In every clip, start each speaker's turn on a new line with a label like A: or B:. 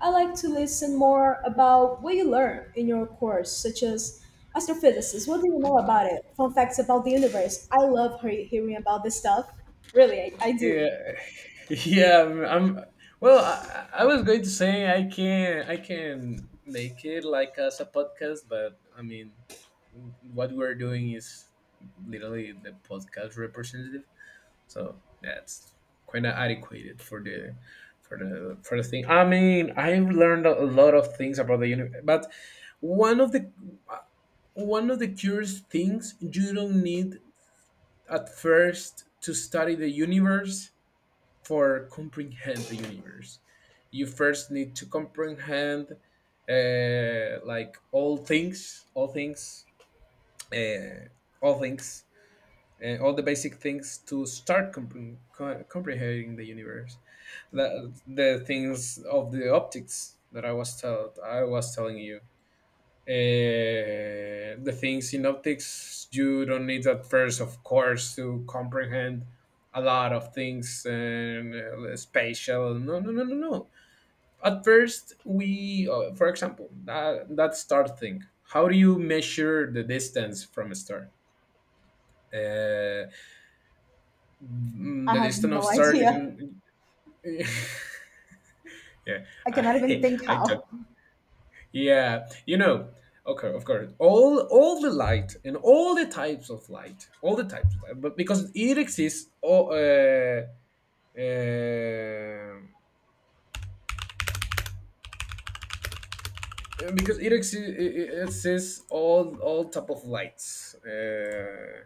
A: I like to listen more about what you learn in your course, such as astrophysics. What do you know about it? Fun facts about the universe. I love hearing about this stuff. Really, I
B: Yeah,
A: do.
B: yeah. I'm. Well, I was going to say I can make it like as a podcast, but what we're doing is literally the podcast representative, so that's quite adequate for the for the thing. I mean, I've learned a lot of things about the universe, but one of the one of the curious things, you don't need at first to study the universe. For comprehend the universe, you first need to comprehend like uh, all things all the basic things to start comprehending the universe. The things of the optics that I was telling you, uh, the things in optics, you don't need at first, of course, to comprehend a lot of things. And spatial, no, at first we for example, that star thing, how do you measure the distance from a star? uh,
A: I
B: the
A: have
B: distance of
A: no
B: star, you
A: idea.
B: can yeah
A: I cannot even
B: I
A: think
B: I
A: how.
B: Yeah, okay, of course, all the light and all the types of light, but because it exists, uh, because it exists, it exists all type of lights.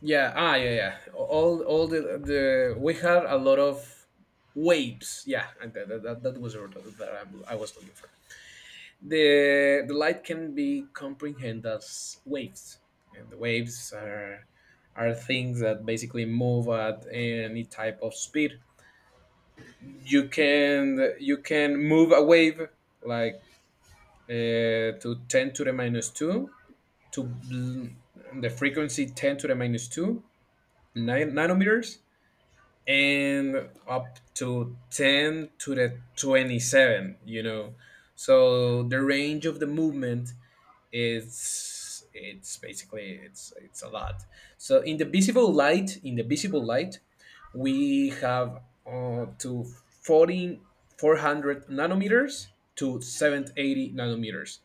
B: Yeah, yeah, yeah. All the we had a lot of waves. Yeah, and that was the word that I was looking for. The light can be comprehended as waves, and the waves are things that basically move at any type of speed. You can move a wave like, to 10 to the minus 2, to the frequency 10 to the minus 2 nine, nanometers, and up to 10 to the 27, you know. So the range of the movement, it's basically, it's a lot. So in the visible light, we have, to 40 400 nanometers to 780 nanometers.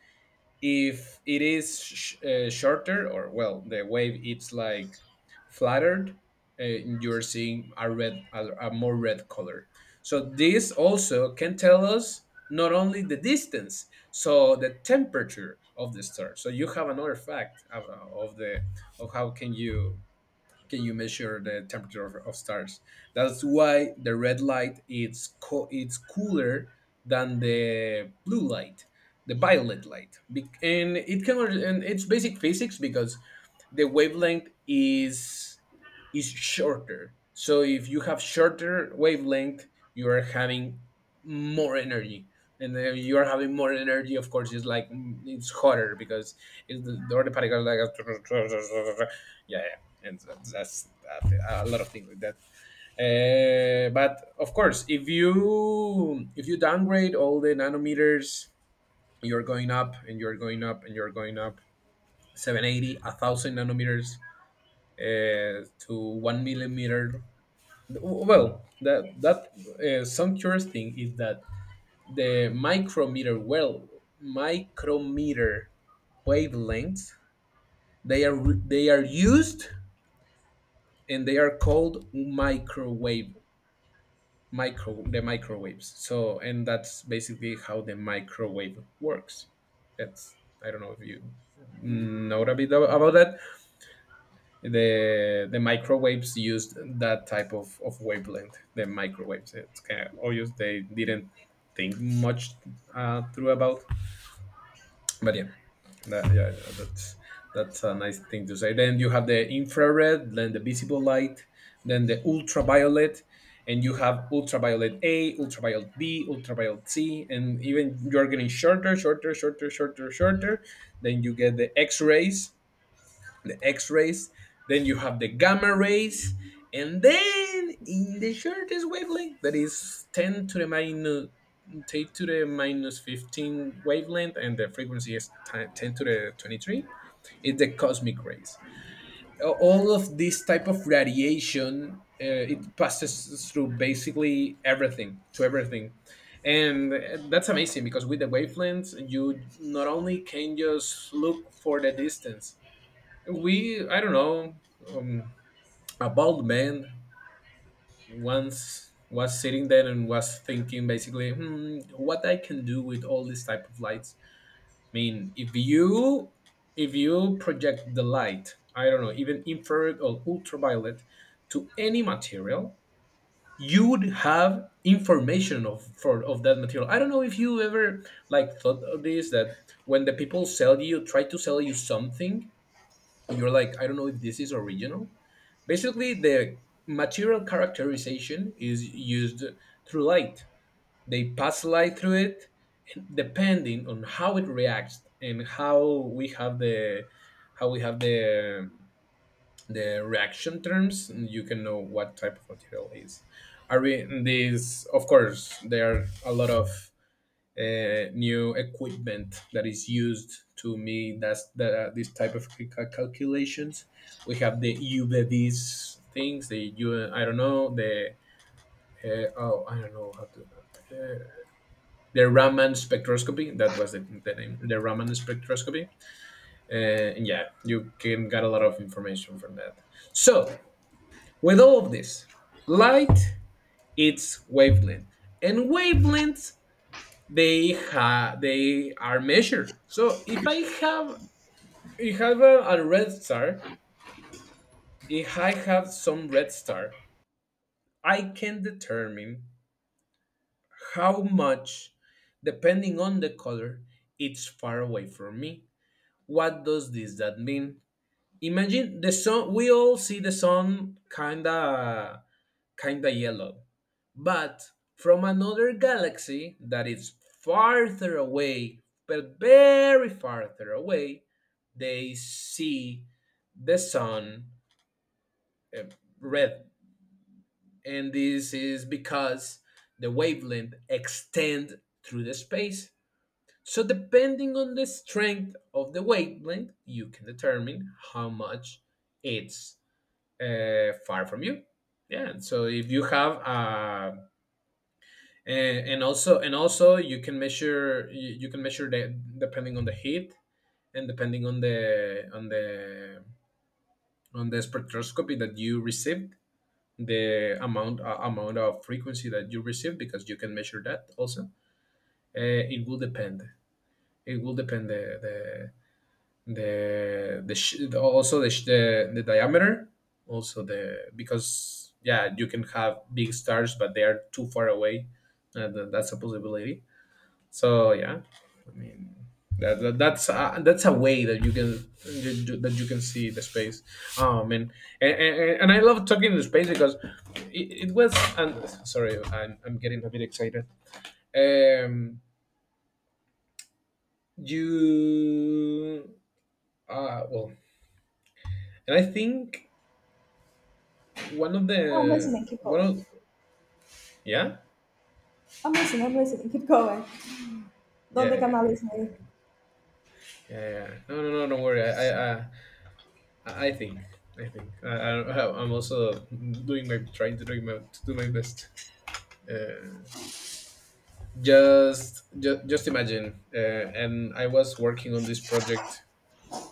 B: If it is shorter, or well, the wave it's like flattered, you're seeing a red, a more red color. So this also can tell us not only the distance, so the temperature of the star. So you have another fact of the of how can you measure the temperature of stars. That's why the red light, it's cooler than the blue light, the violet light. And it can and it's basic physics because the wavelength is shorter. So if you have shorter wavelength, you are having more energy. And then you are having more energy, of course. It's like, it's hotter because it's the other particles like yeah, yeah, and that's that, a lot of things like that. But of course, if you downgrade all the nanometers, you're going up and you're going up and you're going up, 780, a 1000 nanometers, to one millimeter. Well, that that some curious thing is that the micrometer, well, micrometer wavelengths, they are used, and they are called microwaves. So and that's basically how the microwave works. That's, I don't know if you know a bit about that. The microwaves used that type of wavelength. The microwaves, it's kind of obvious, they didn't think much through about. But yeah, that's that's a nice thing to say. Then you have the infrared, then the visible light, then the ultraviolet. And you have ultraviolet a, ultraviolet b, ultraviolet c, and even you're getting shorter, shorter. Then you get the x-rays the X rays, then you have the gamma rays. And then in the shortest wavelength, that is 10 to the minus 15 wavelength, and the frequency is 10 to the 23, is the cosmic rays. All of this type of radiation, it passes through basically everything, to everything. And that's amazing, because with the wavelengths, you not only can just look for the distance. We I don't know um, a bald man once was sitting there and was thinking, basically, hmm, what I can do with all this type of lights. i mean if you if you project the light, I don't know, even infrared or ultraviolet, to any material, you would have information of for of that material. I don't know if you ever like thought of this, that when the people sell you try to sell you something, you're like, I don't know if this is original. Basically, the material characterization is used through light. They pass light through it. Depending on how it reacts and how we have the how we have the the reaction terms, you can know what type of material is are we. This, of course, there are a lot of new equipment that is used to make that's that this type of calculations. We have the UVVs things, the U, I don't know, the oh, I don't know how to, the Raman spectroscopy. That was the name, the Raman spectroscopy. Uh, and yeah, you can get a lot of information from that. So with all of this, light, it's wavelength, and wavelengths, they are measured. So if I have a red star. If I have some red star, I can determine how much, depending on the color, it's far away from me. What does this that mean? Imagine the sun. We all see the sun kinda yellow, but from another galaxy that is farther away, but very farther away, they see the sun uh, red. And this is because the wavelength extend through the space. So depending on the strength of the wavelength, you can determine how much it's far from you. Yeah. and So if you have, and also, you can measure, you can measure that depending on the heat, and depending on the on the spectroscopy that you receive, the amount, amount of frequency that you receive, because you can measure that also. uh, it will depend it will depend the also the, the diameter also. The, because yeah, you can have big stars but they are too far away, and then that's a possibility. So yeah, I mean that's a way that you can you do- that you can see the space. And and I love talking to space because it was. And sorry, I'm getting a bit excited. Um, you, well, and I think one of
A: I'm
B: the
A: listening. Keep
B: one
A: going.
B: of yeah
A: I'm listening. I'm listening. Keep going. Don't think I'm not listening.
B: yeah. Yeah, no, no, no, don't worry. I think. I think. I- am also doing my trying to do my best. Uh, just imagine. And I was working on this project.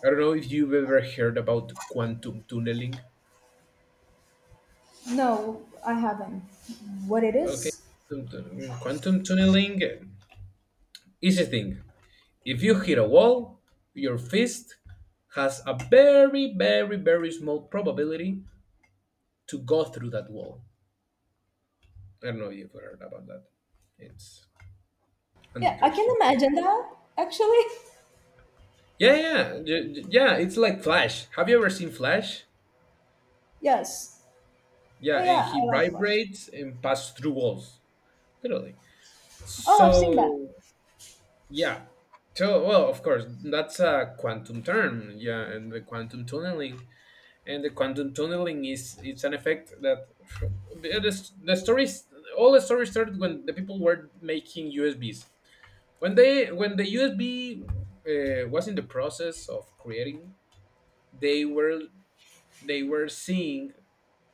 B: I don't know if you've ever heard about quantum tunneling.
A: No, I haven't. What it
B: Okay,
A: is?
B: quantum tunneling. Easy thing. If you hit a wall, your fist has a very, very, very small probability to go through that wall. I don't know if you've heard about that. It's
A: Yeah, I can
B: interesting.
A: imagine that, actually.
B: Yeah, yeah, yeah. It's like Flash. Have you ever seen Flash?
A: Yes. Oh,
B: Yeah, and
A: yeah,
B: he
A: I like Flash.
B: vibrates and passes through walls, literally.
A: Oh, I've seen that.
B: So yeah, so well, of course, that's a quantum term. Yeah, and the quantum tunneling, is it's an effect that the stories, all the stories started when the people were making USBs. When the USB was in the process of creating, they were they were seeing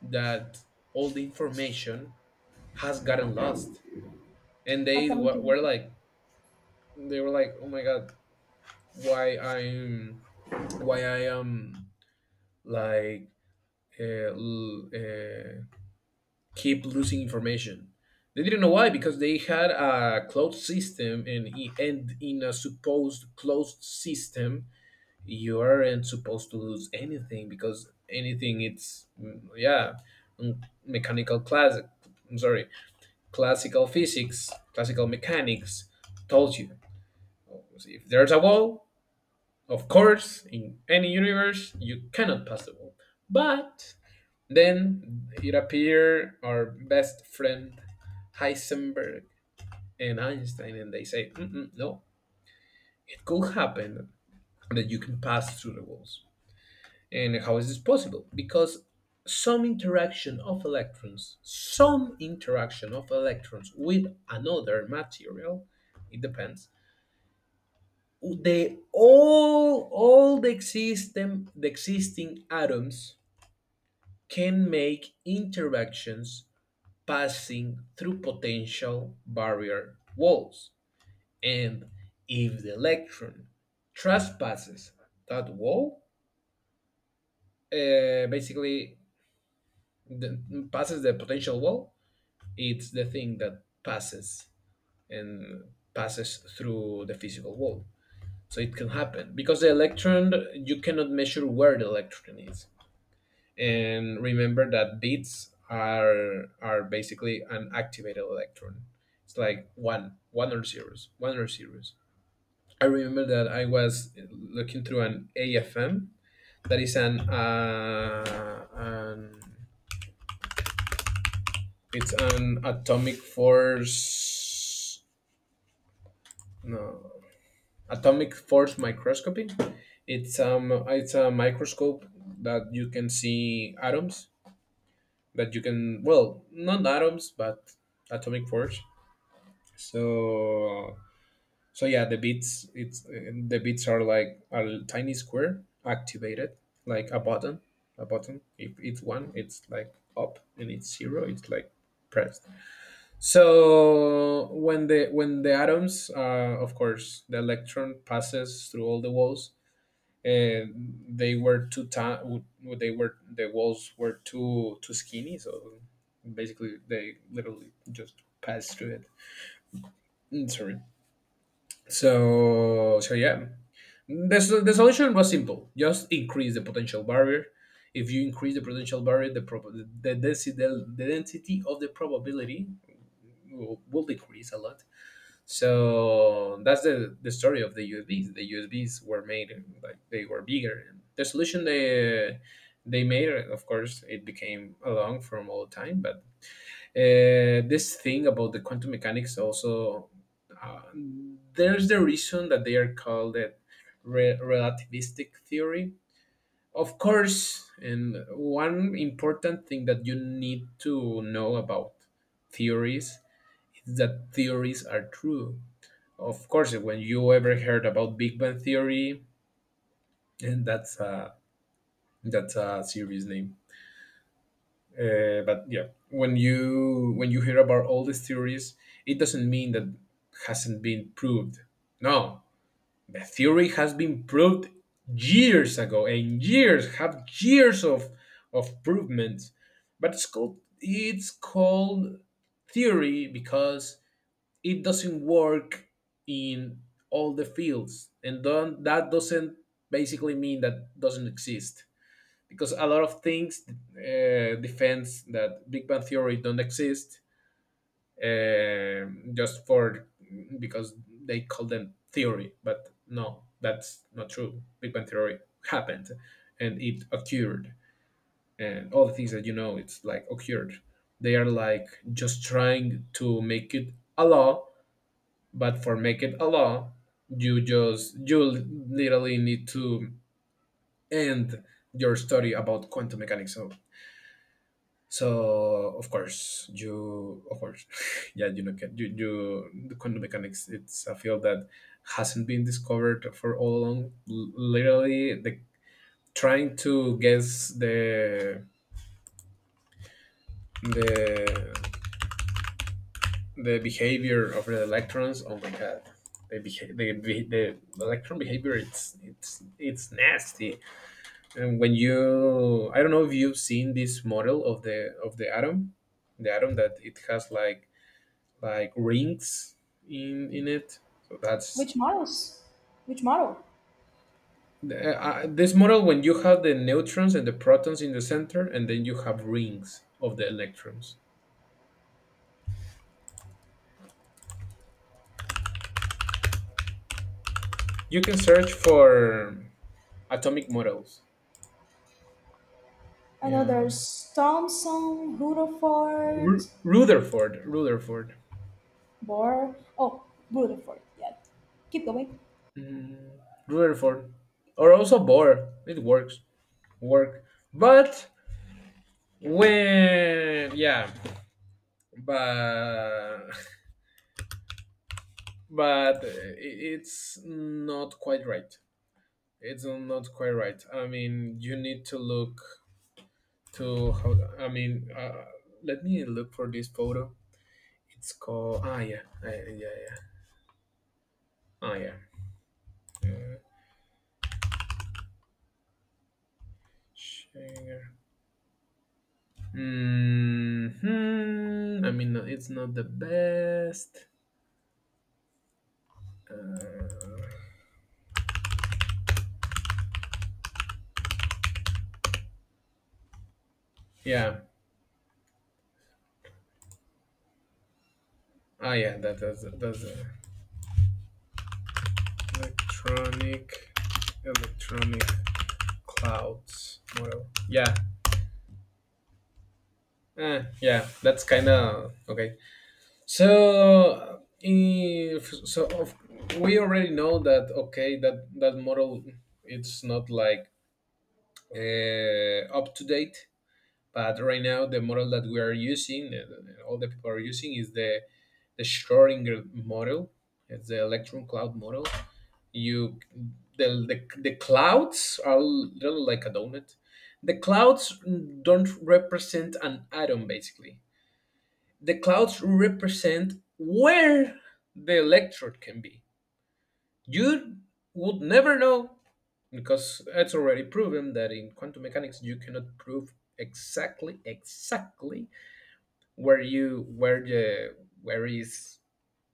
B: that all the information has gotten lost. And
A: I
B: they
A: thought we can.
B: were like, oh my god, why i'm why I am like, uh, l- uh, keep losing information. They didn't know why, because they had a closed system. And I- and in a supposed closed system, you aren't supposed to lose anything, because anything, it's, yeah, mm, mechanical class, I'm sorry, classical physics, classical mechanics told you. If there's a wall, of course, in any universe, you cannot pass the wall. But then it appeared our best friend Heisenberg and Einstein, and they say, mm-mm, no, it could happen that you can pass through the walls. And how is this possible? Because some interaction of electrons, with another material, it depends, they all the existing atoms can make interactions passing through potential barrier walls, and if the electron trespasses that wall, basically passes the potential wall, it's the thing that passes and passes through the physical wall. So it can happen because the electron, you cannot measure where the electron is. And remember that bits are basically an activated electron. It's like one or zeros, one or zeros. I remember that I was looking through an AFM. That is an it's an atomic force, no, atomic force microscopy. It's it's a microscope that you can see atoms, that you can, well, not atoms but atomic force. So so, yeah, the beats it's the beats are like a tiny square activated, like a button, a button. If it's one, it's like up, and it's zero, it's like pressed. So when the atoms, of course, the electron passes through all the walls, and they were too tiny. They were, the walls were too skinny, so basically they literally just passed through it. Sorry. So yeah, the solution was simple: just increase the potential barrier. If you increase the potential barrier, the density, the density of the probability will decrease a lot. So that's the story of the USBs. The USBs were made, like, they were bigger. And the solution they made, of course, it became along from all time, but this thing about the quantum mechanics also, uh, there's the reason that they are called it relativistic theory, of course. And one important thing that you need to know about theories is that theories are true. Of course, when you ever heard about Big Bang theory, and that's a, that's a serious name. But yeah, when you hear about all these theories, it doesn't mean that hasn't been proved. No, the theory has been proved years ago, and years of provements. But it's called theory because it doesn't work in all the fields, and don't, that doesn't basically mean that doesn't exist. Because a lot of things, defends that Big Bang Theory don't exist, just for, because they call them theory, but no, that's not true. Big Bang Theory happened and it occurred, and all the things that you know, it's like occurred. They are like just trying to make it a law, but for make it a law, you just you literally need to end your study about quantum mechanics. So, of course, you of course yeah, you know, you, the quantum mechanics, it's a field that hasn't been discovered for all along. Literally the trying to guess the the the behavior of the electrons. Oh my god, the electron behavior, it's nasty. And when you, I don't know if you've seen this model of the atom, the atom that it has like rings in it. So that's,
A: Which models? Which model?
B: this model when you have the neutrons and the protons in the center, and then you have rings of the electrons. You can search for atomic models.
A: I know
B: Yeah,
A: there's Thomson, Rutherford,
B: Rutherford,
A: Bohr. Oh, Rutherford. Yeah. Keep going.
B: mm, Rutherford, or also Bohr. It works, work, but when, yeah, but but it's not quite right. It's not quite right. I mean, you need to look to how. I mean, let me look for this photo. It's called. Ah, yeah, yeah, yeah, yeah. Ah, yeah. Uh, Share. Hmm. I mean, no, it's not the best. Uh, yeah. Ah, yeah. That does electronic electronic clouds model. Yeah. Eh, yeah. That's kind of okay. So, if so, of, we already know that, okay, that model, it's not like up to date. But right now, the model that we are using, all the people are using, is the Schrodinger model. It's the electron cloud model. You the clouds are little, like a donut. The clouds don't represent an atom, basically the clouds represent where the electrode can be. You would never know, because it's already proven that in quantum mechanics you cannot prove exactly where you where is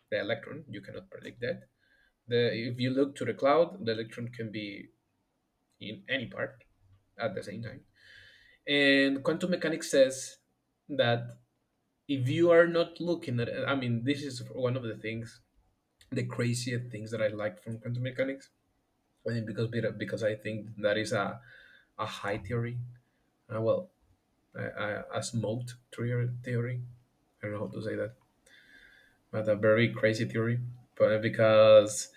B: the electron. You cannot predict that. If you look to the cloud, the electron can be in any part at the same time. And quantum mechanics says that if you are not looking at, I mean, this is one of the things, the craziest things that I like from quantum mechanics. I mean, because I think that is a high theory. Uh, well, a smoked theory, theory. I don't know how to say that, but a very crazy theory. But because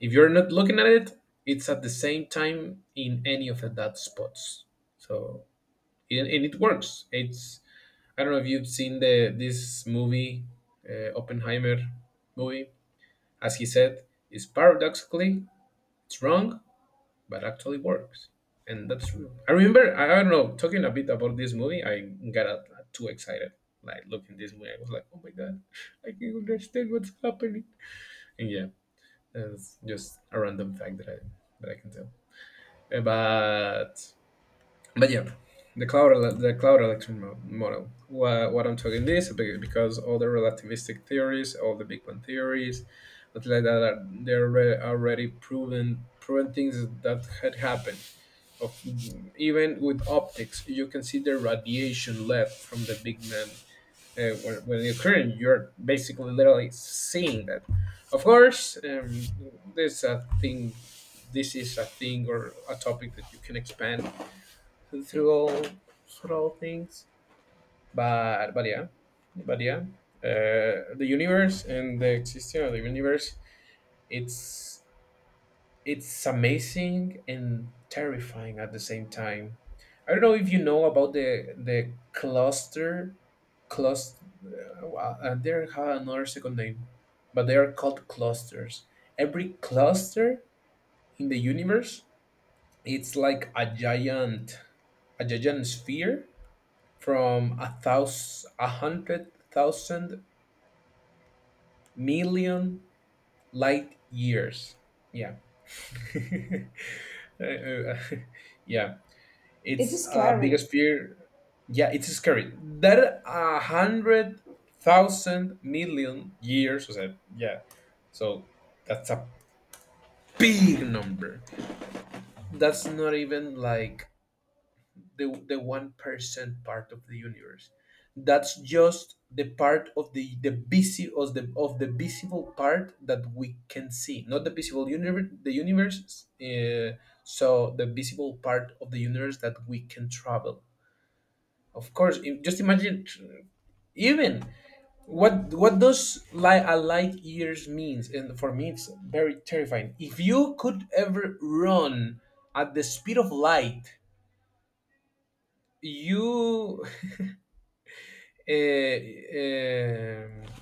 B: if you're not looking at it, it's at the same time in any of the dot spots. So and it works. It's, I don't know if you've seen the this movie, Oppenheimer movie. As he said, it's paradoxically, it's wrong, but actually works. And that's real. I remember, I don't know, talking a bit about this movie, I got too excited. Like, looking this movie, I was like, oh my god, I can understand what's happening. And yeah, that's just a random fact that I can tell. Uh, But but yeah, the cloud electron model. What I'm talking this because all the relativistic theories, all the Big Bang theories, but like that, are, they're already proven things that had happened of, even with optics you can see the radiation left from the big man. When you're current, you're basically literally seeing that. Of course, there's a thing, this is a thing or a topic that you can expand through all, through all things. But but yeah but yeah uh, the universe and the existence of the universe, it's it's amazing and terrifying at the same time. I don't know if you know about the cluster. They have another second name, but they are called clusters. Every cluster in the universe, it's like a giant sphere from a thousand, a hundred thousand million light years. Yeah. Uh, uh, yeah,
A: It's
B: it's
A: scary.
B: biggest fear. Yeah, it's scary. That a hundred thousand million years. Yeah, so that's a big number. That's not even like the 1% part of the universe. That's just the part of the of the visible part that we can see, not the visible universe. The universe. So the visible part of the universe that we can travel. Of course, just imagine even what does a light years means, and for me it's very terrifying. If you could ever run at the speed of light, you uh, um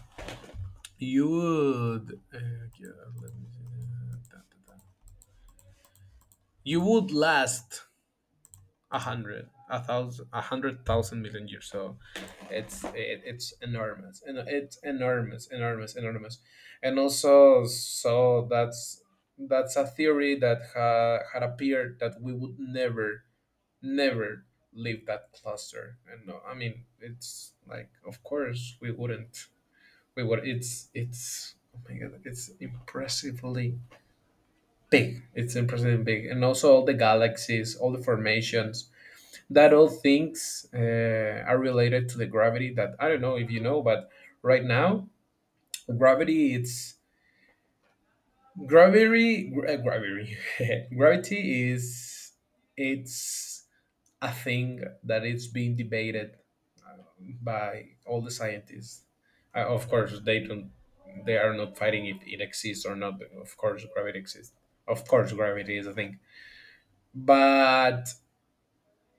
B: you would, uh, yeah, let me see, da, da, da. You would last a hundred, a thousand, a hundred thousand million years. So it's, it, it's enormous, and it's enormous, enormous, enormous, and also, so that's a theory that ha, had appeared, that we would never, never leave that cluster. And no, I mean, it's like, of course we wouldn't. We would. It's, it's. Oh my god! It's impressively big. It's impressively big. And also all the galaxies, all the formations, that all things, are related to the gravity. That, I don't know if you know, but right now gravity, it's, gravity gravity is, it's a thing that it's being debated by all the scientists. Of course, they don't, they are not fighting if it exists or not. Of course gravity exists, of course gravity is a thing, but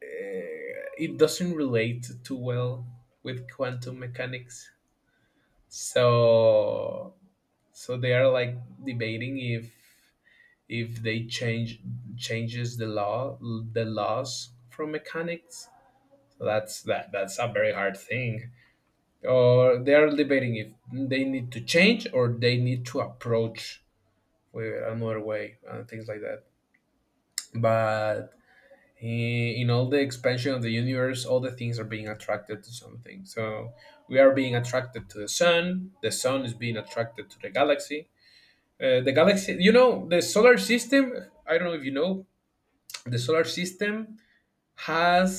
B: it doesn't relate too well with quantum mechanics. So so they are like debating if they change, changes the law, the laws from mechanics. So that's that's a very hard thing. Or they are debating if they need to change, or they need to approach with another way, and things like that. But i- in all the expansion of the universe, all the things are being attracted to something. So we are being attracted to the sun. The sun is being attracted to the galaxy. The galaxy, you know, the solar system, I don't know if you know, the solar system has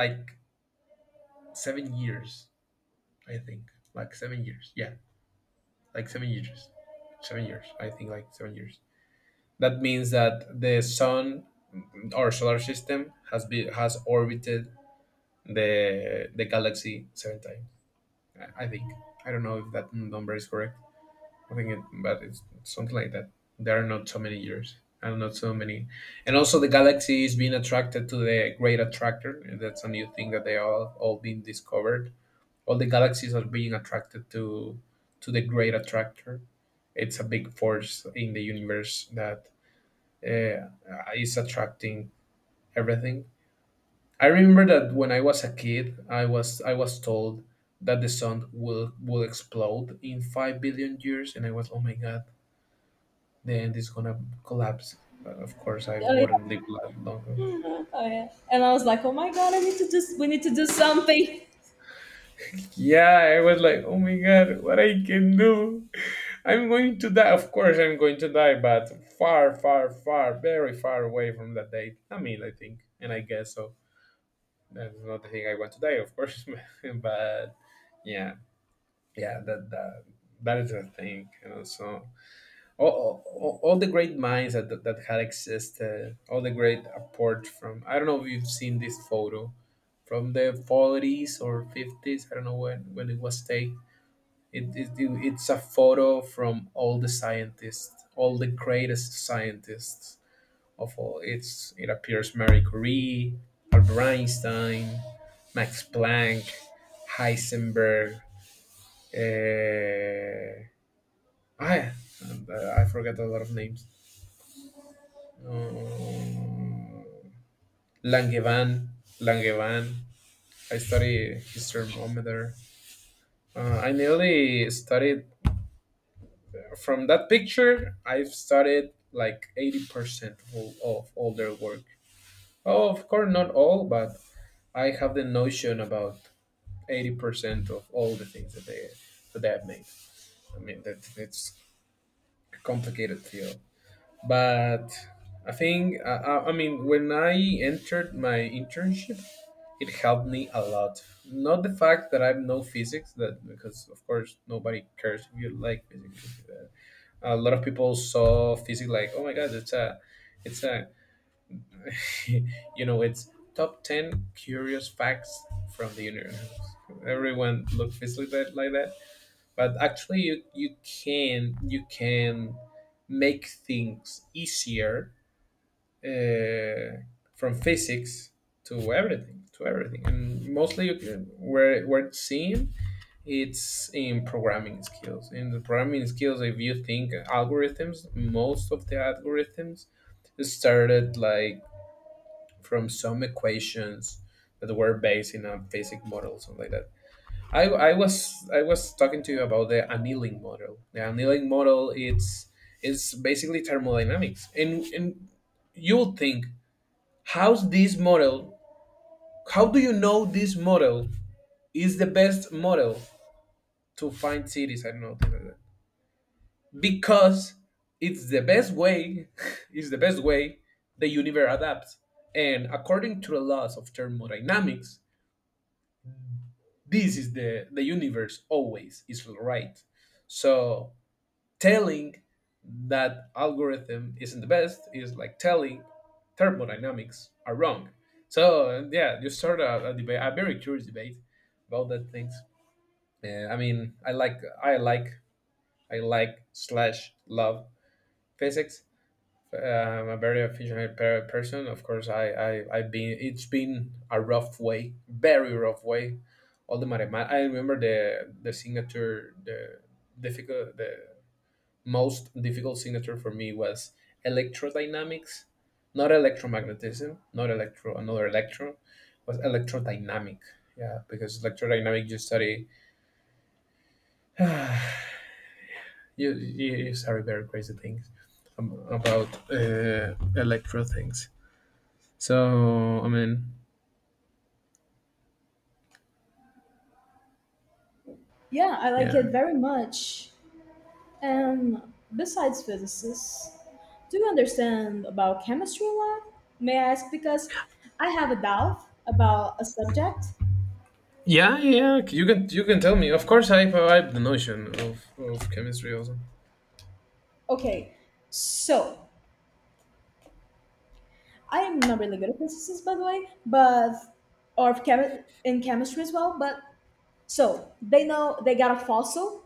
B: like 7 years, I think. Like 7 years. Yeah, like 7 years. 7 years. I think like 7 years. That means that the sun, our solar system, has orbited the galaxy 7 times. I think. I don't know if that number is correct. I think it, but it's something like that. There are not so many years, and not so many. And also the galaxy is being attracted to the Great Attractor. And That's a new thing that they all being discovered. All the galaxies are being attracted to the Great Attractor. It's a big force in the universe that uh, is attracting everything. I remember that when I was a kid, I was told that the sun will explode in 5 billion years, and I was, oh my god, the end is gonna collapse. But of course, I
A: Oh, yeah.
B: wouldn't live that long.
A: Oh, yeah. And I was like, oh my god, I need to just we need to do something.
B: Yeah, I was like, oh my god, what I can do? I'm going to die. Of course, I'm going to die, but far, far, far, very far away from that date. I mean, I think, and I guess so. That's not the thing I want to die, of course, but yeah, yeah, that that is a thing, and also all the great minds that had existed, all the great apart from, I don't know if you've seen this photo from the 40s or 50s, I don't know when, it was taken. It's a photo from all the scientists, all the greatest scientists of all. It appears Marie Curie, Albert Einstein, Max Planck, Heisenberg. Uh, I, I forget a lot of names. um, Langevin. Langevin. I study his thermometer. I nearly studied from that picture. I've studied like 80% of of all their work. Oh, of course, not all, but I have the notion about 80% of all the things that they have made. I mean, that it's a complicated field, but I think I mean when I entered my internship, it helped me a lot. Not the fact that I know physics, that because of course nobody cares if you like physics. A lot of people saw physics like, oh my god, it's a, it's top ten curious facts from the universe. Everyone looked physics like that, but actually you can make things easier uh, from physics to everything, and mostly you where it's seen, it's in programming skills in the programming skills. If you think algorithms, most of the algorithms started like from some equations that were based in a basic model, something like that. i, I was I was talking to you about the annealing model, the annealing model. It's basically thermodynamics, and you'll think, how's this model? How do you know this model is the best model to find cities? I don't know, things like that. Because it's the best way. It's the best way the universe adapts, and according to the laws of thermodynamics, this is the universe always is right. So telling that algorithm isn't the best is like telling thermodynamics are wrong. So yeah, you start a debate, a very curious debate about that things. I mean, I like slash love physics. I'm a very efficient person. Of course, I've been. It's been a rough way, very rough way. All the mathematics. I remember the signature, the most difficult signature for me was electrodynamics, not electromagnetism, not electro, another electron, was electrodynamic. Yeah, because electrodynamic you study you study very crazy things about electro things. So I mean,
A: Yeah, I like
B: yeah,
A: it very much. And besides physicists, do you understand about chemistry a lot? May I ask because I have a doubt about a subject.
B: yeah, yeah. You can tell me. Of course, I have the notion of chemistry also.
A: Okay, so I'm not really good at princesses, by the way, but or in chemistry as well. But so they know they got a fossil.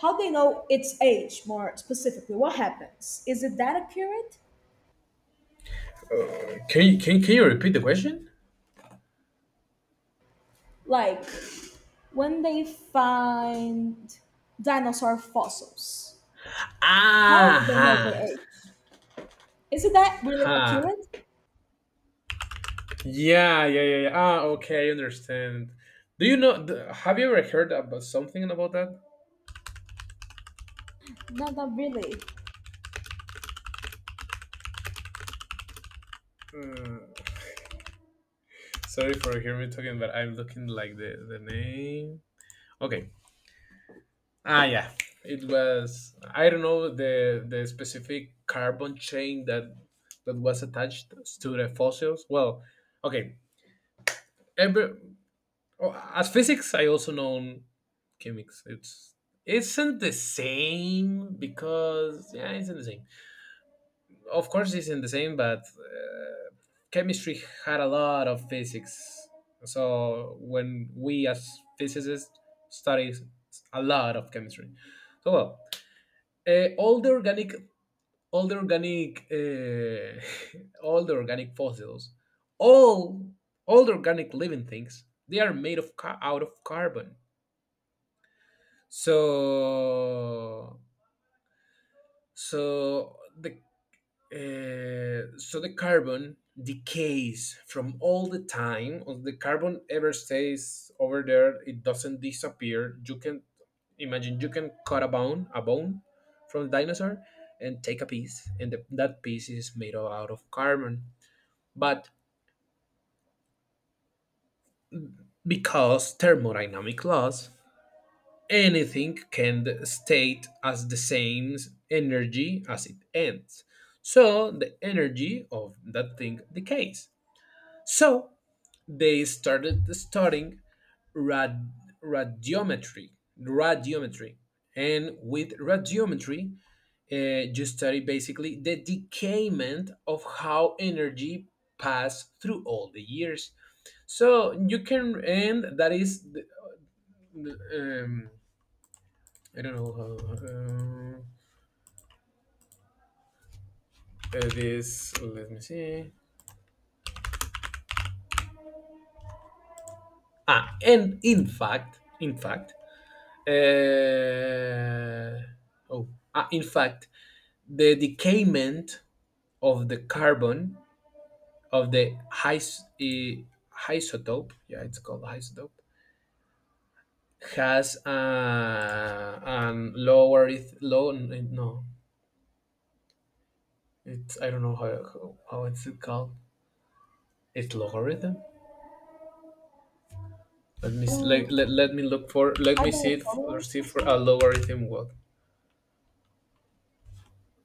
A: How they know its age more specifically? What happens? Is it that accurate?
B: Can you repeat the question?
A: Like when they find dinosaur fossils, how
B: Ah,
A: they
B: ha,
A: know the age? Is it that really
B: ha.
A: accurate?
B: Yeah, yeah, yeah, yeah. Ah, okay, I understand. Do you know? Have you ever heard about something about that?
A: Not really.
B: Sorry for hearing me talking, but I'm looking like the name. Okay. Ah, yeah. It was, I don't know, the specific carbon chain that was attached to the fossils. Well, okay. Every, oh, as physics, I also know chemics. It's isn't the same because yeah, it's not the same. Of course, it's not the same, but chemistry had a lot of physics. So when we as physicists study a lot of chemistry, so well, all the organic, all the organic, uh, all the organic fossils, all all the organic living things, they are made of out of carbon. So so the so the carbon decays from all the time. If the carbon ever stays over there, it doesn't disappear. You can imagine, you can cut a bone from a dinosaur, and take a piece, and that piece is made of- out of carbon. But because thermodynamic laws, anything can stay as the same energy as it ends. So the energy of that thing decays. So they started studying rad- radiometry, radiometry, and with radiometry, uh, you study basically the decayment of how energy passed through all the years. So you can, and that is, the, um, I don't know how, this, let me see. Ah, and in fact, in fact, uh, oh, in fact, the decayment of the carbon of the his, isotope, yeah, it's called isotope, has an logarith low no, it's I don't know how it's it called. It's logarithm.
A: I don't
B: Let me look for let
A: I
B: me
A: don't
B: see if, or
A: recall it
B: see for a
A: myself.
B: logarithm what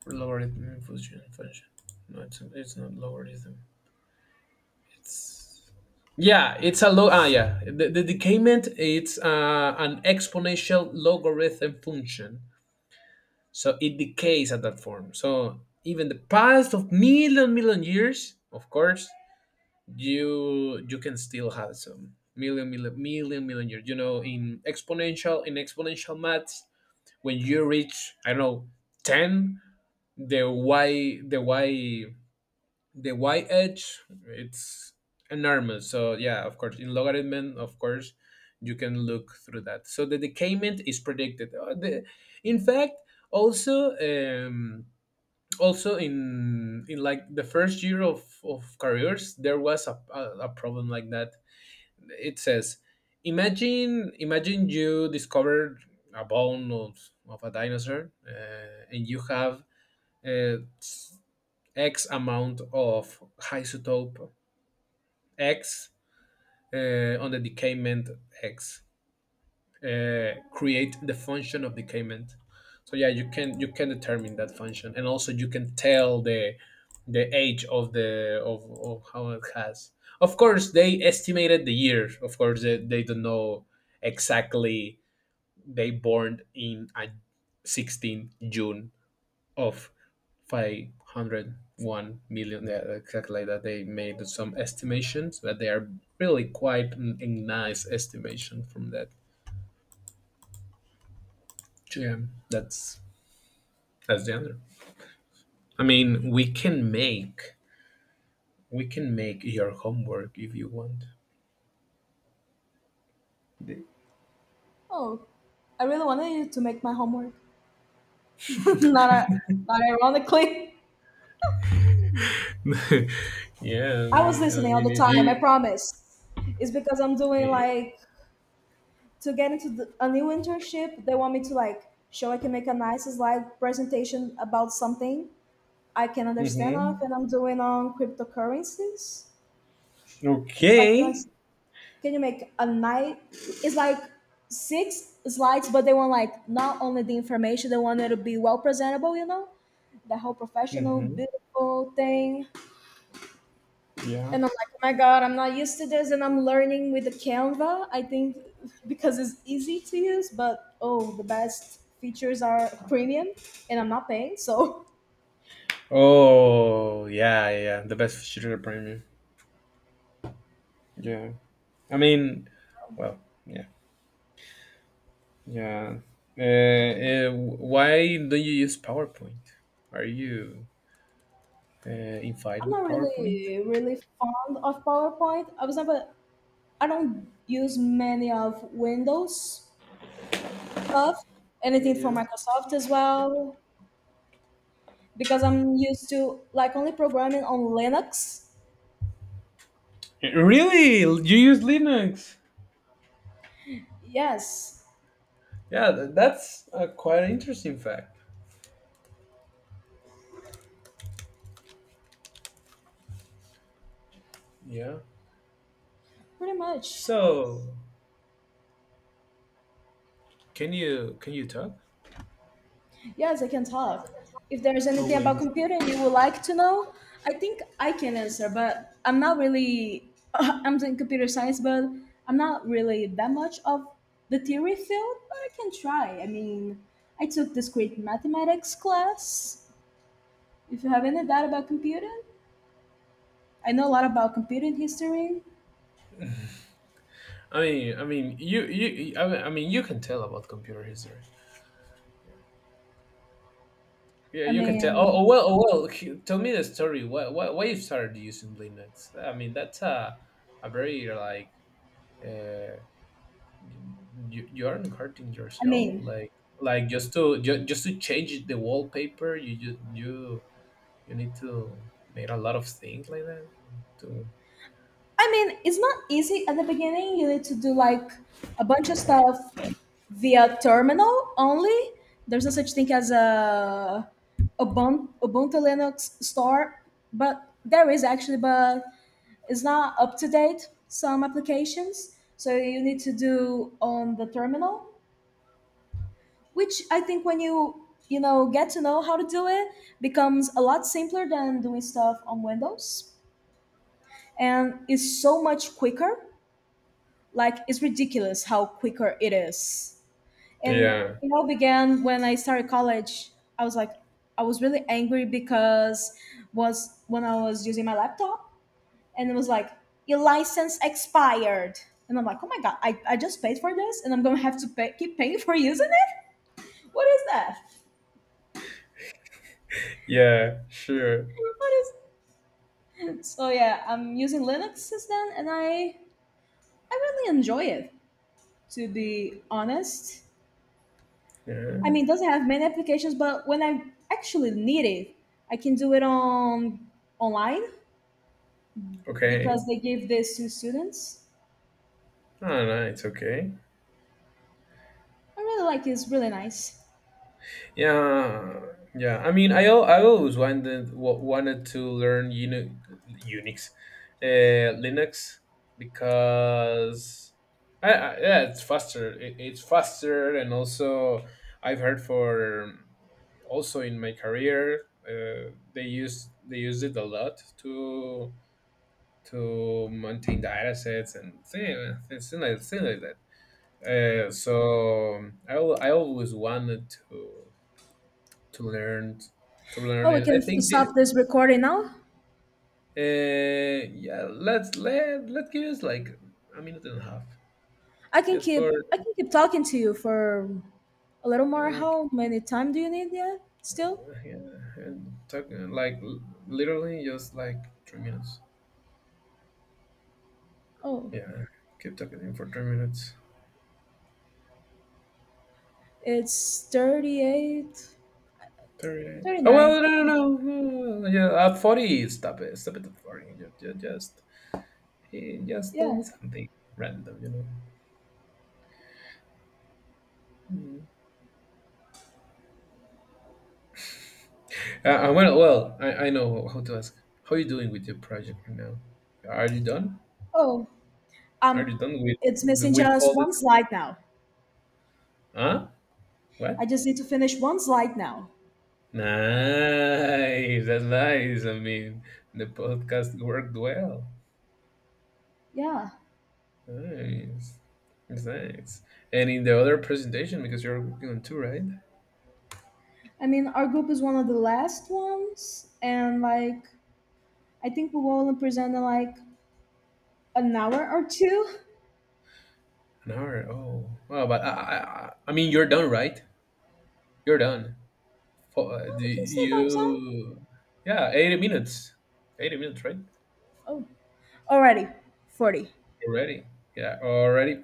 B: logarithm function. No, it's not logarithm. Yeah, it's a log. Ah, yeah, the decayment it's an exponential logarithm function, so it decays at that form. So even the past of million million years, of course, you can still have some million million million million years. You know, in exponential maths, when you reach I don't know ten, the y the y the y edge it's enormous. So yeah, of course in logarithm, of course you can look through that. So the decayment is predicted. In fact, also also in like the first year of careers there was a problem like that. It says, imagine, imagine you discovered a bone of a dinosaur, and you have uh, x amount of isotope X, on the decayment X, create the function of decayment. So yeah, you can determine that function, and also you can tell the age of how it has. Of course, they estimated the year. Of course, they don't know exactly they born in a June 16th of 501 million, yeah, exactly like that. They made some estimations, but they are really quite a nice estimation from that. Yeah, that's that's the answer. I mean, we can make your homework if you want. The-
A: Oh, I really wanted you to make my homework. Not not ironically.
B: yeah,
A: I was
B: I
A: listening all
B: mean
A: the
B: if
A: time. I
B: you,
A: promise. It's because I'm doing like to get into a new internship. They want me to like show I can make a nice slide presentation about something I can understand of,
B: hmm,
A: and I'm doing on cryptocurrencies. Like,
B: okay.
A: can you make a night? It's like six slides, but they want like not only the information, they want it to be well presentable. You know, the whole professional,
B: Hmm,
A: beautiful thing.
B: yeah.
A: And I'm like, oh my god, I'm not used to this, and I'm learning with the Canva. I think because it's easy to use, but oh, the best features are premium, and I'm not paying, so.
B: Oh yeah, yeah, the best shooter premium. Yeah, I mean, well, yeah, yeah. Why don't you use PowerPoint? Are you uh, in fight
A: I'm
B: with
A: not
B: PowerPoint?
A: really really fond of PowerPoint. I was never, I don't use many of Windows stuff, anything for
B: Yeah.
A: Microsoft as well, because I'm used to like only programming on Linux.
B: Really, you use Linux?
A: Yes,
B: Yeah, that's a quite interesting fact. Yeah.
A: pretty much.
B: So, can you talk?
A: Yes, I can talk. If there's
B: Oh
A: anything
B: wait.
A: about computing you would like to know, I think I can answer, but I'm not really, I'm doing computer science, but I'm not really that much of the theory field, but I can try. I mean, I took discrete mathematics class. If you have any doubt about computing, I know a lot about computing history.
B: You you I mean, you can tell about computer history. Yeah,
A: I
B: you can tell.
A: mean,
B: Oh well. Tell me the story. Why you started using Linux? I mean, that's a very like uh, you aren't hurting
A: I
B: yourself.
A: mean,
B: Like just to just, just to change the wallpaper, you you need to make a lot of things like that. To
A: I mean, it's not easy at the beginning. You need to do like a bunch of stuff via terminal only. There's no such thing as a Ubuntu Linux store, but there is actually, but it's not up to date some applications. So you need to do on the terminal, which I think when you know get to know how to do it becomes a lot simpler than doing stuff on Windows, and is so much quicker. Like it's ridiculous how quicker it is. And
B: yeah,
A: it all began when I started college. I was like, I was really angry because was when I was using my laptop and it was like your license expired. And I'm like, oh my god, I just paid for this and I'm gonna have to pay, keep paying for using it? What is that?
B: yeah, sure,
A: What is So yeah, I'm using Linux since then, and I really enjoy it. To be honest,
B: yeah,
A: I mean, it doesn't have many applications, but when I actually need it, I can do it on online
B: okay.
A: because they give this to students.
B: Oh, no, it's okay.
A: I really like it. It's really nice.
B: Yeah, yeah. I mean, I always wanted wanted to learn Unix, Linux because yeah, it's faster. It's faster, and also I've heard for also in my career, they use it a lot to maintain the data sets and things, things like that. So I always wanted to to learn to learn
A: Oh, we
B: it.
A: can
B: I think the
A: stop this recording now.
B: yeah, let's let let give us like a minute and a half
A: I can
B: just for,
A: keep I can keep talking to you for a little more.
B: yeah,
A: How many time do you need yet? Still?
B: yeah, and talking like literally just like 3 minutes.
A: Oh,
B: Yeah, keep talking in for 3 minutes.
A: it's 38,
B: 30.
A: thirty
B: Oh
A: nine.
B: well, no. Yeah, at 40, stop it at 40. Just, just tell
A: Yeah.
B: me something random, you know. Well, well, I know how to ask. How are you doing with your project right now? Are you done?
A: Oh,
B: Are you
A: um,
B: done
A: it's
B: with
A: missing just
B: all the?
A: one slide now.
B: Huh?
A: I
B: What?
A: just need to finish one slide now.
B: Nice. That's nice. I mean, the podcast worked well.
A: Yeah.
B: Nice. It's nice. And in the other presentation, because you're working on two, right? An
A: I mean, our group is one of the last ones, and like I think we will only present in like an hour or two.
B: hour. Oh, wow. But I mean, you're done, right? You're done. For,
A: No,
B: do
A: we can stay by time.
B: you? Yeah, 80 minutes. 80 minutes, right?
A: Oh, already 40.
B: Already. Yeah, already.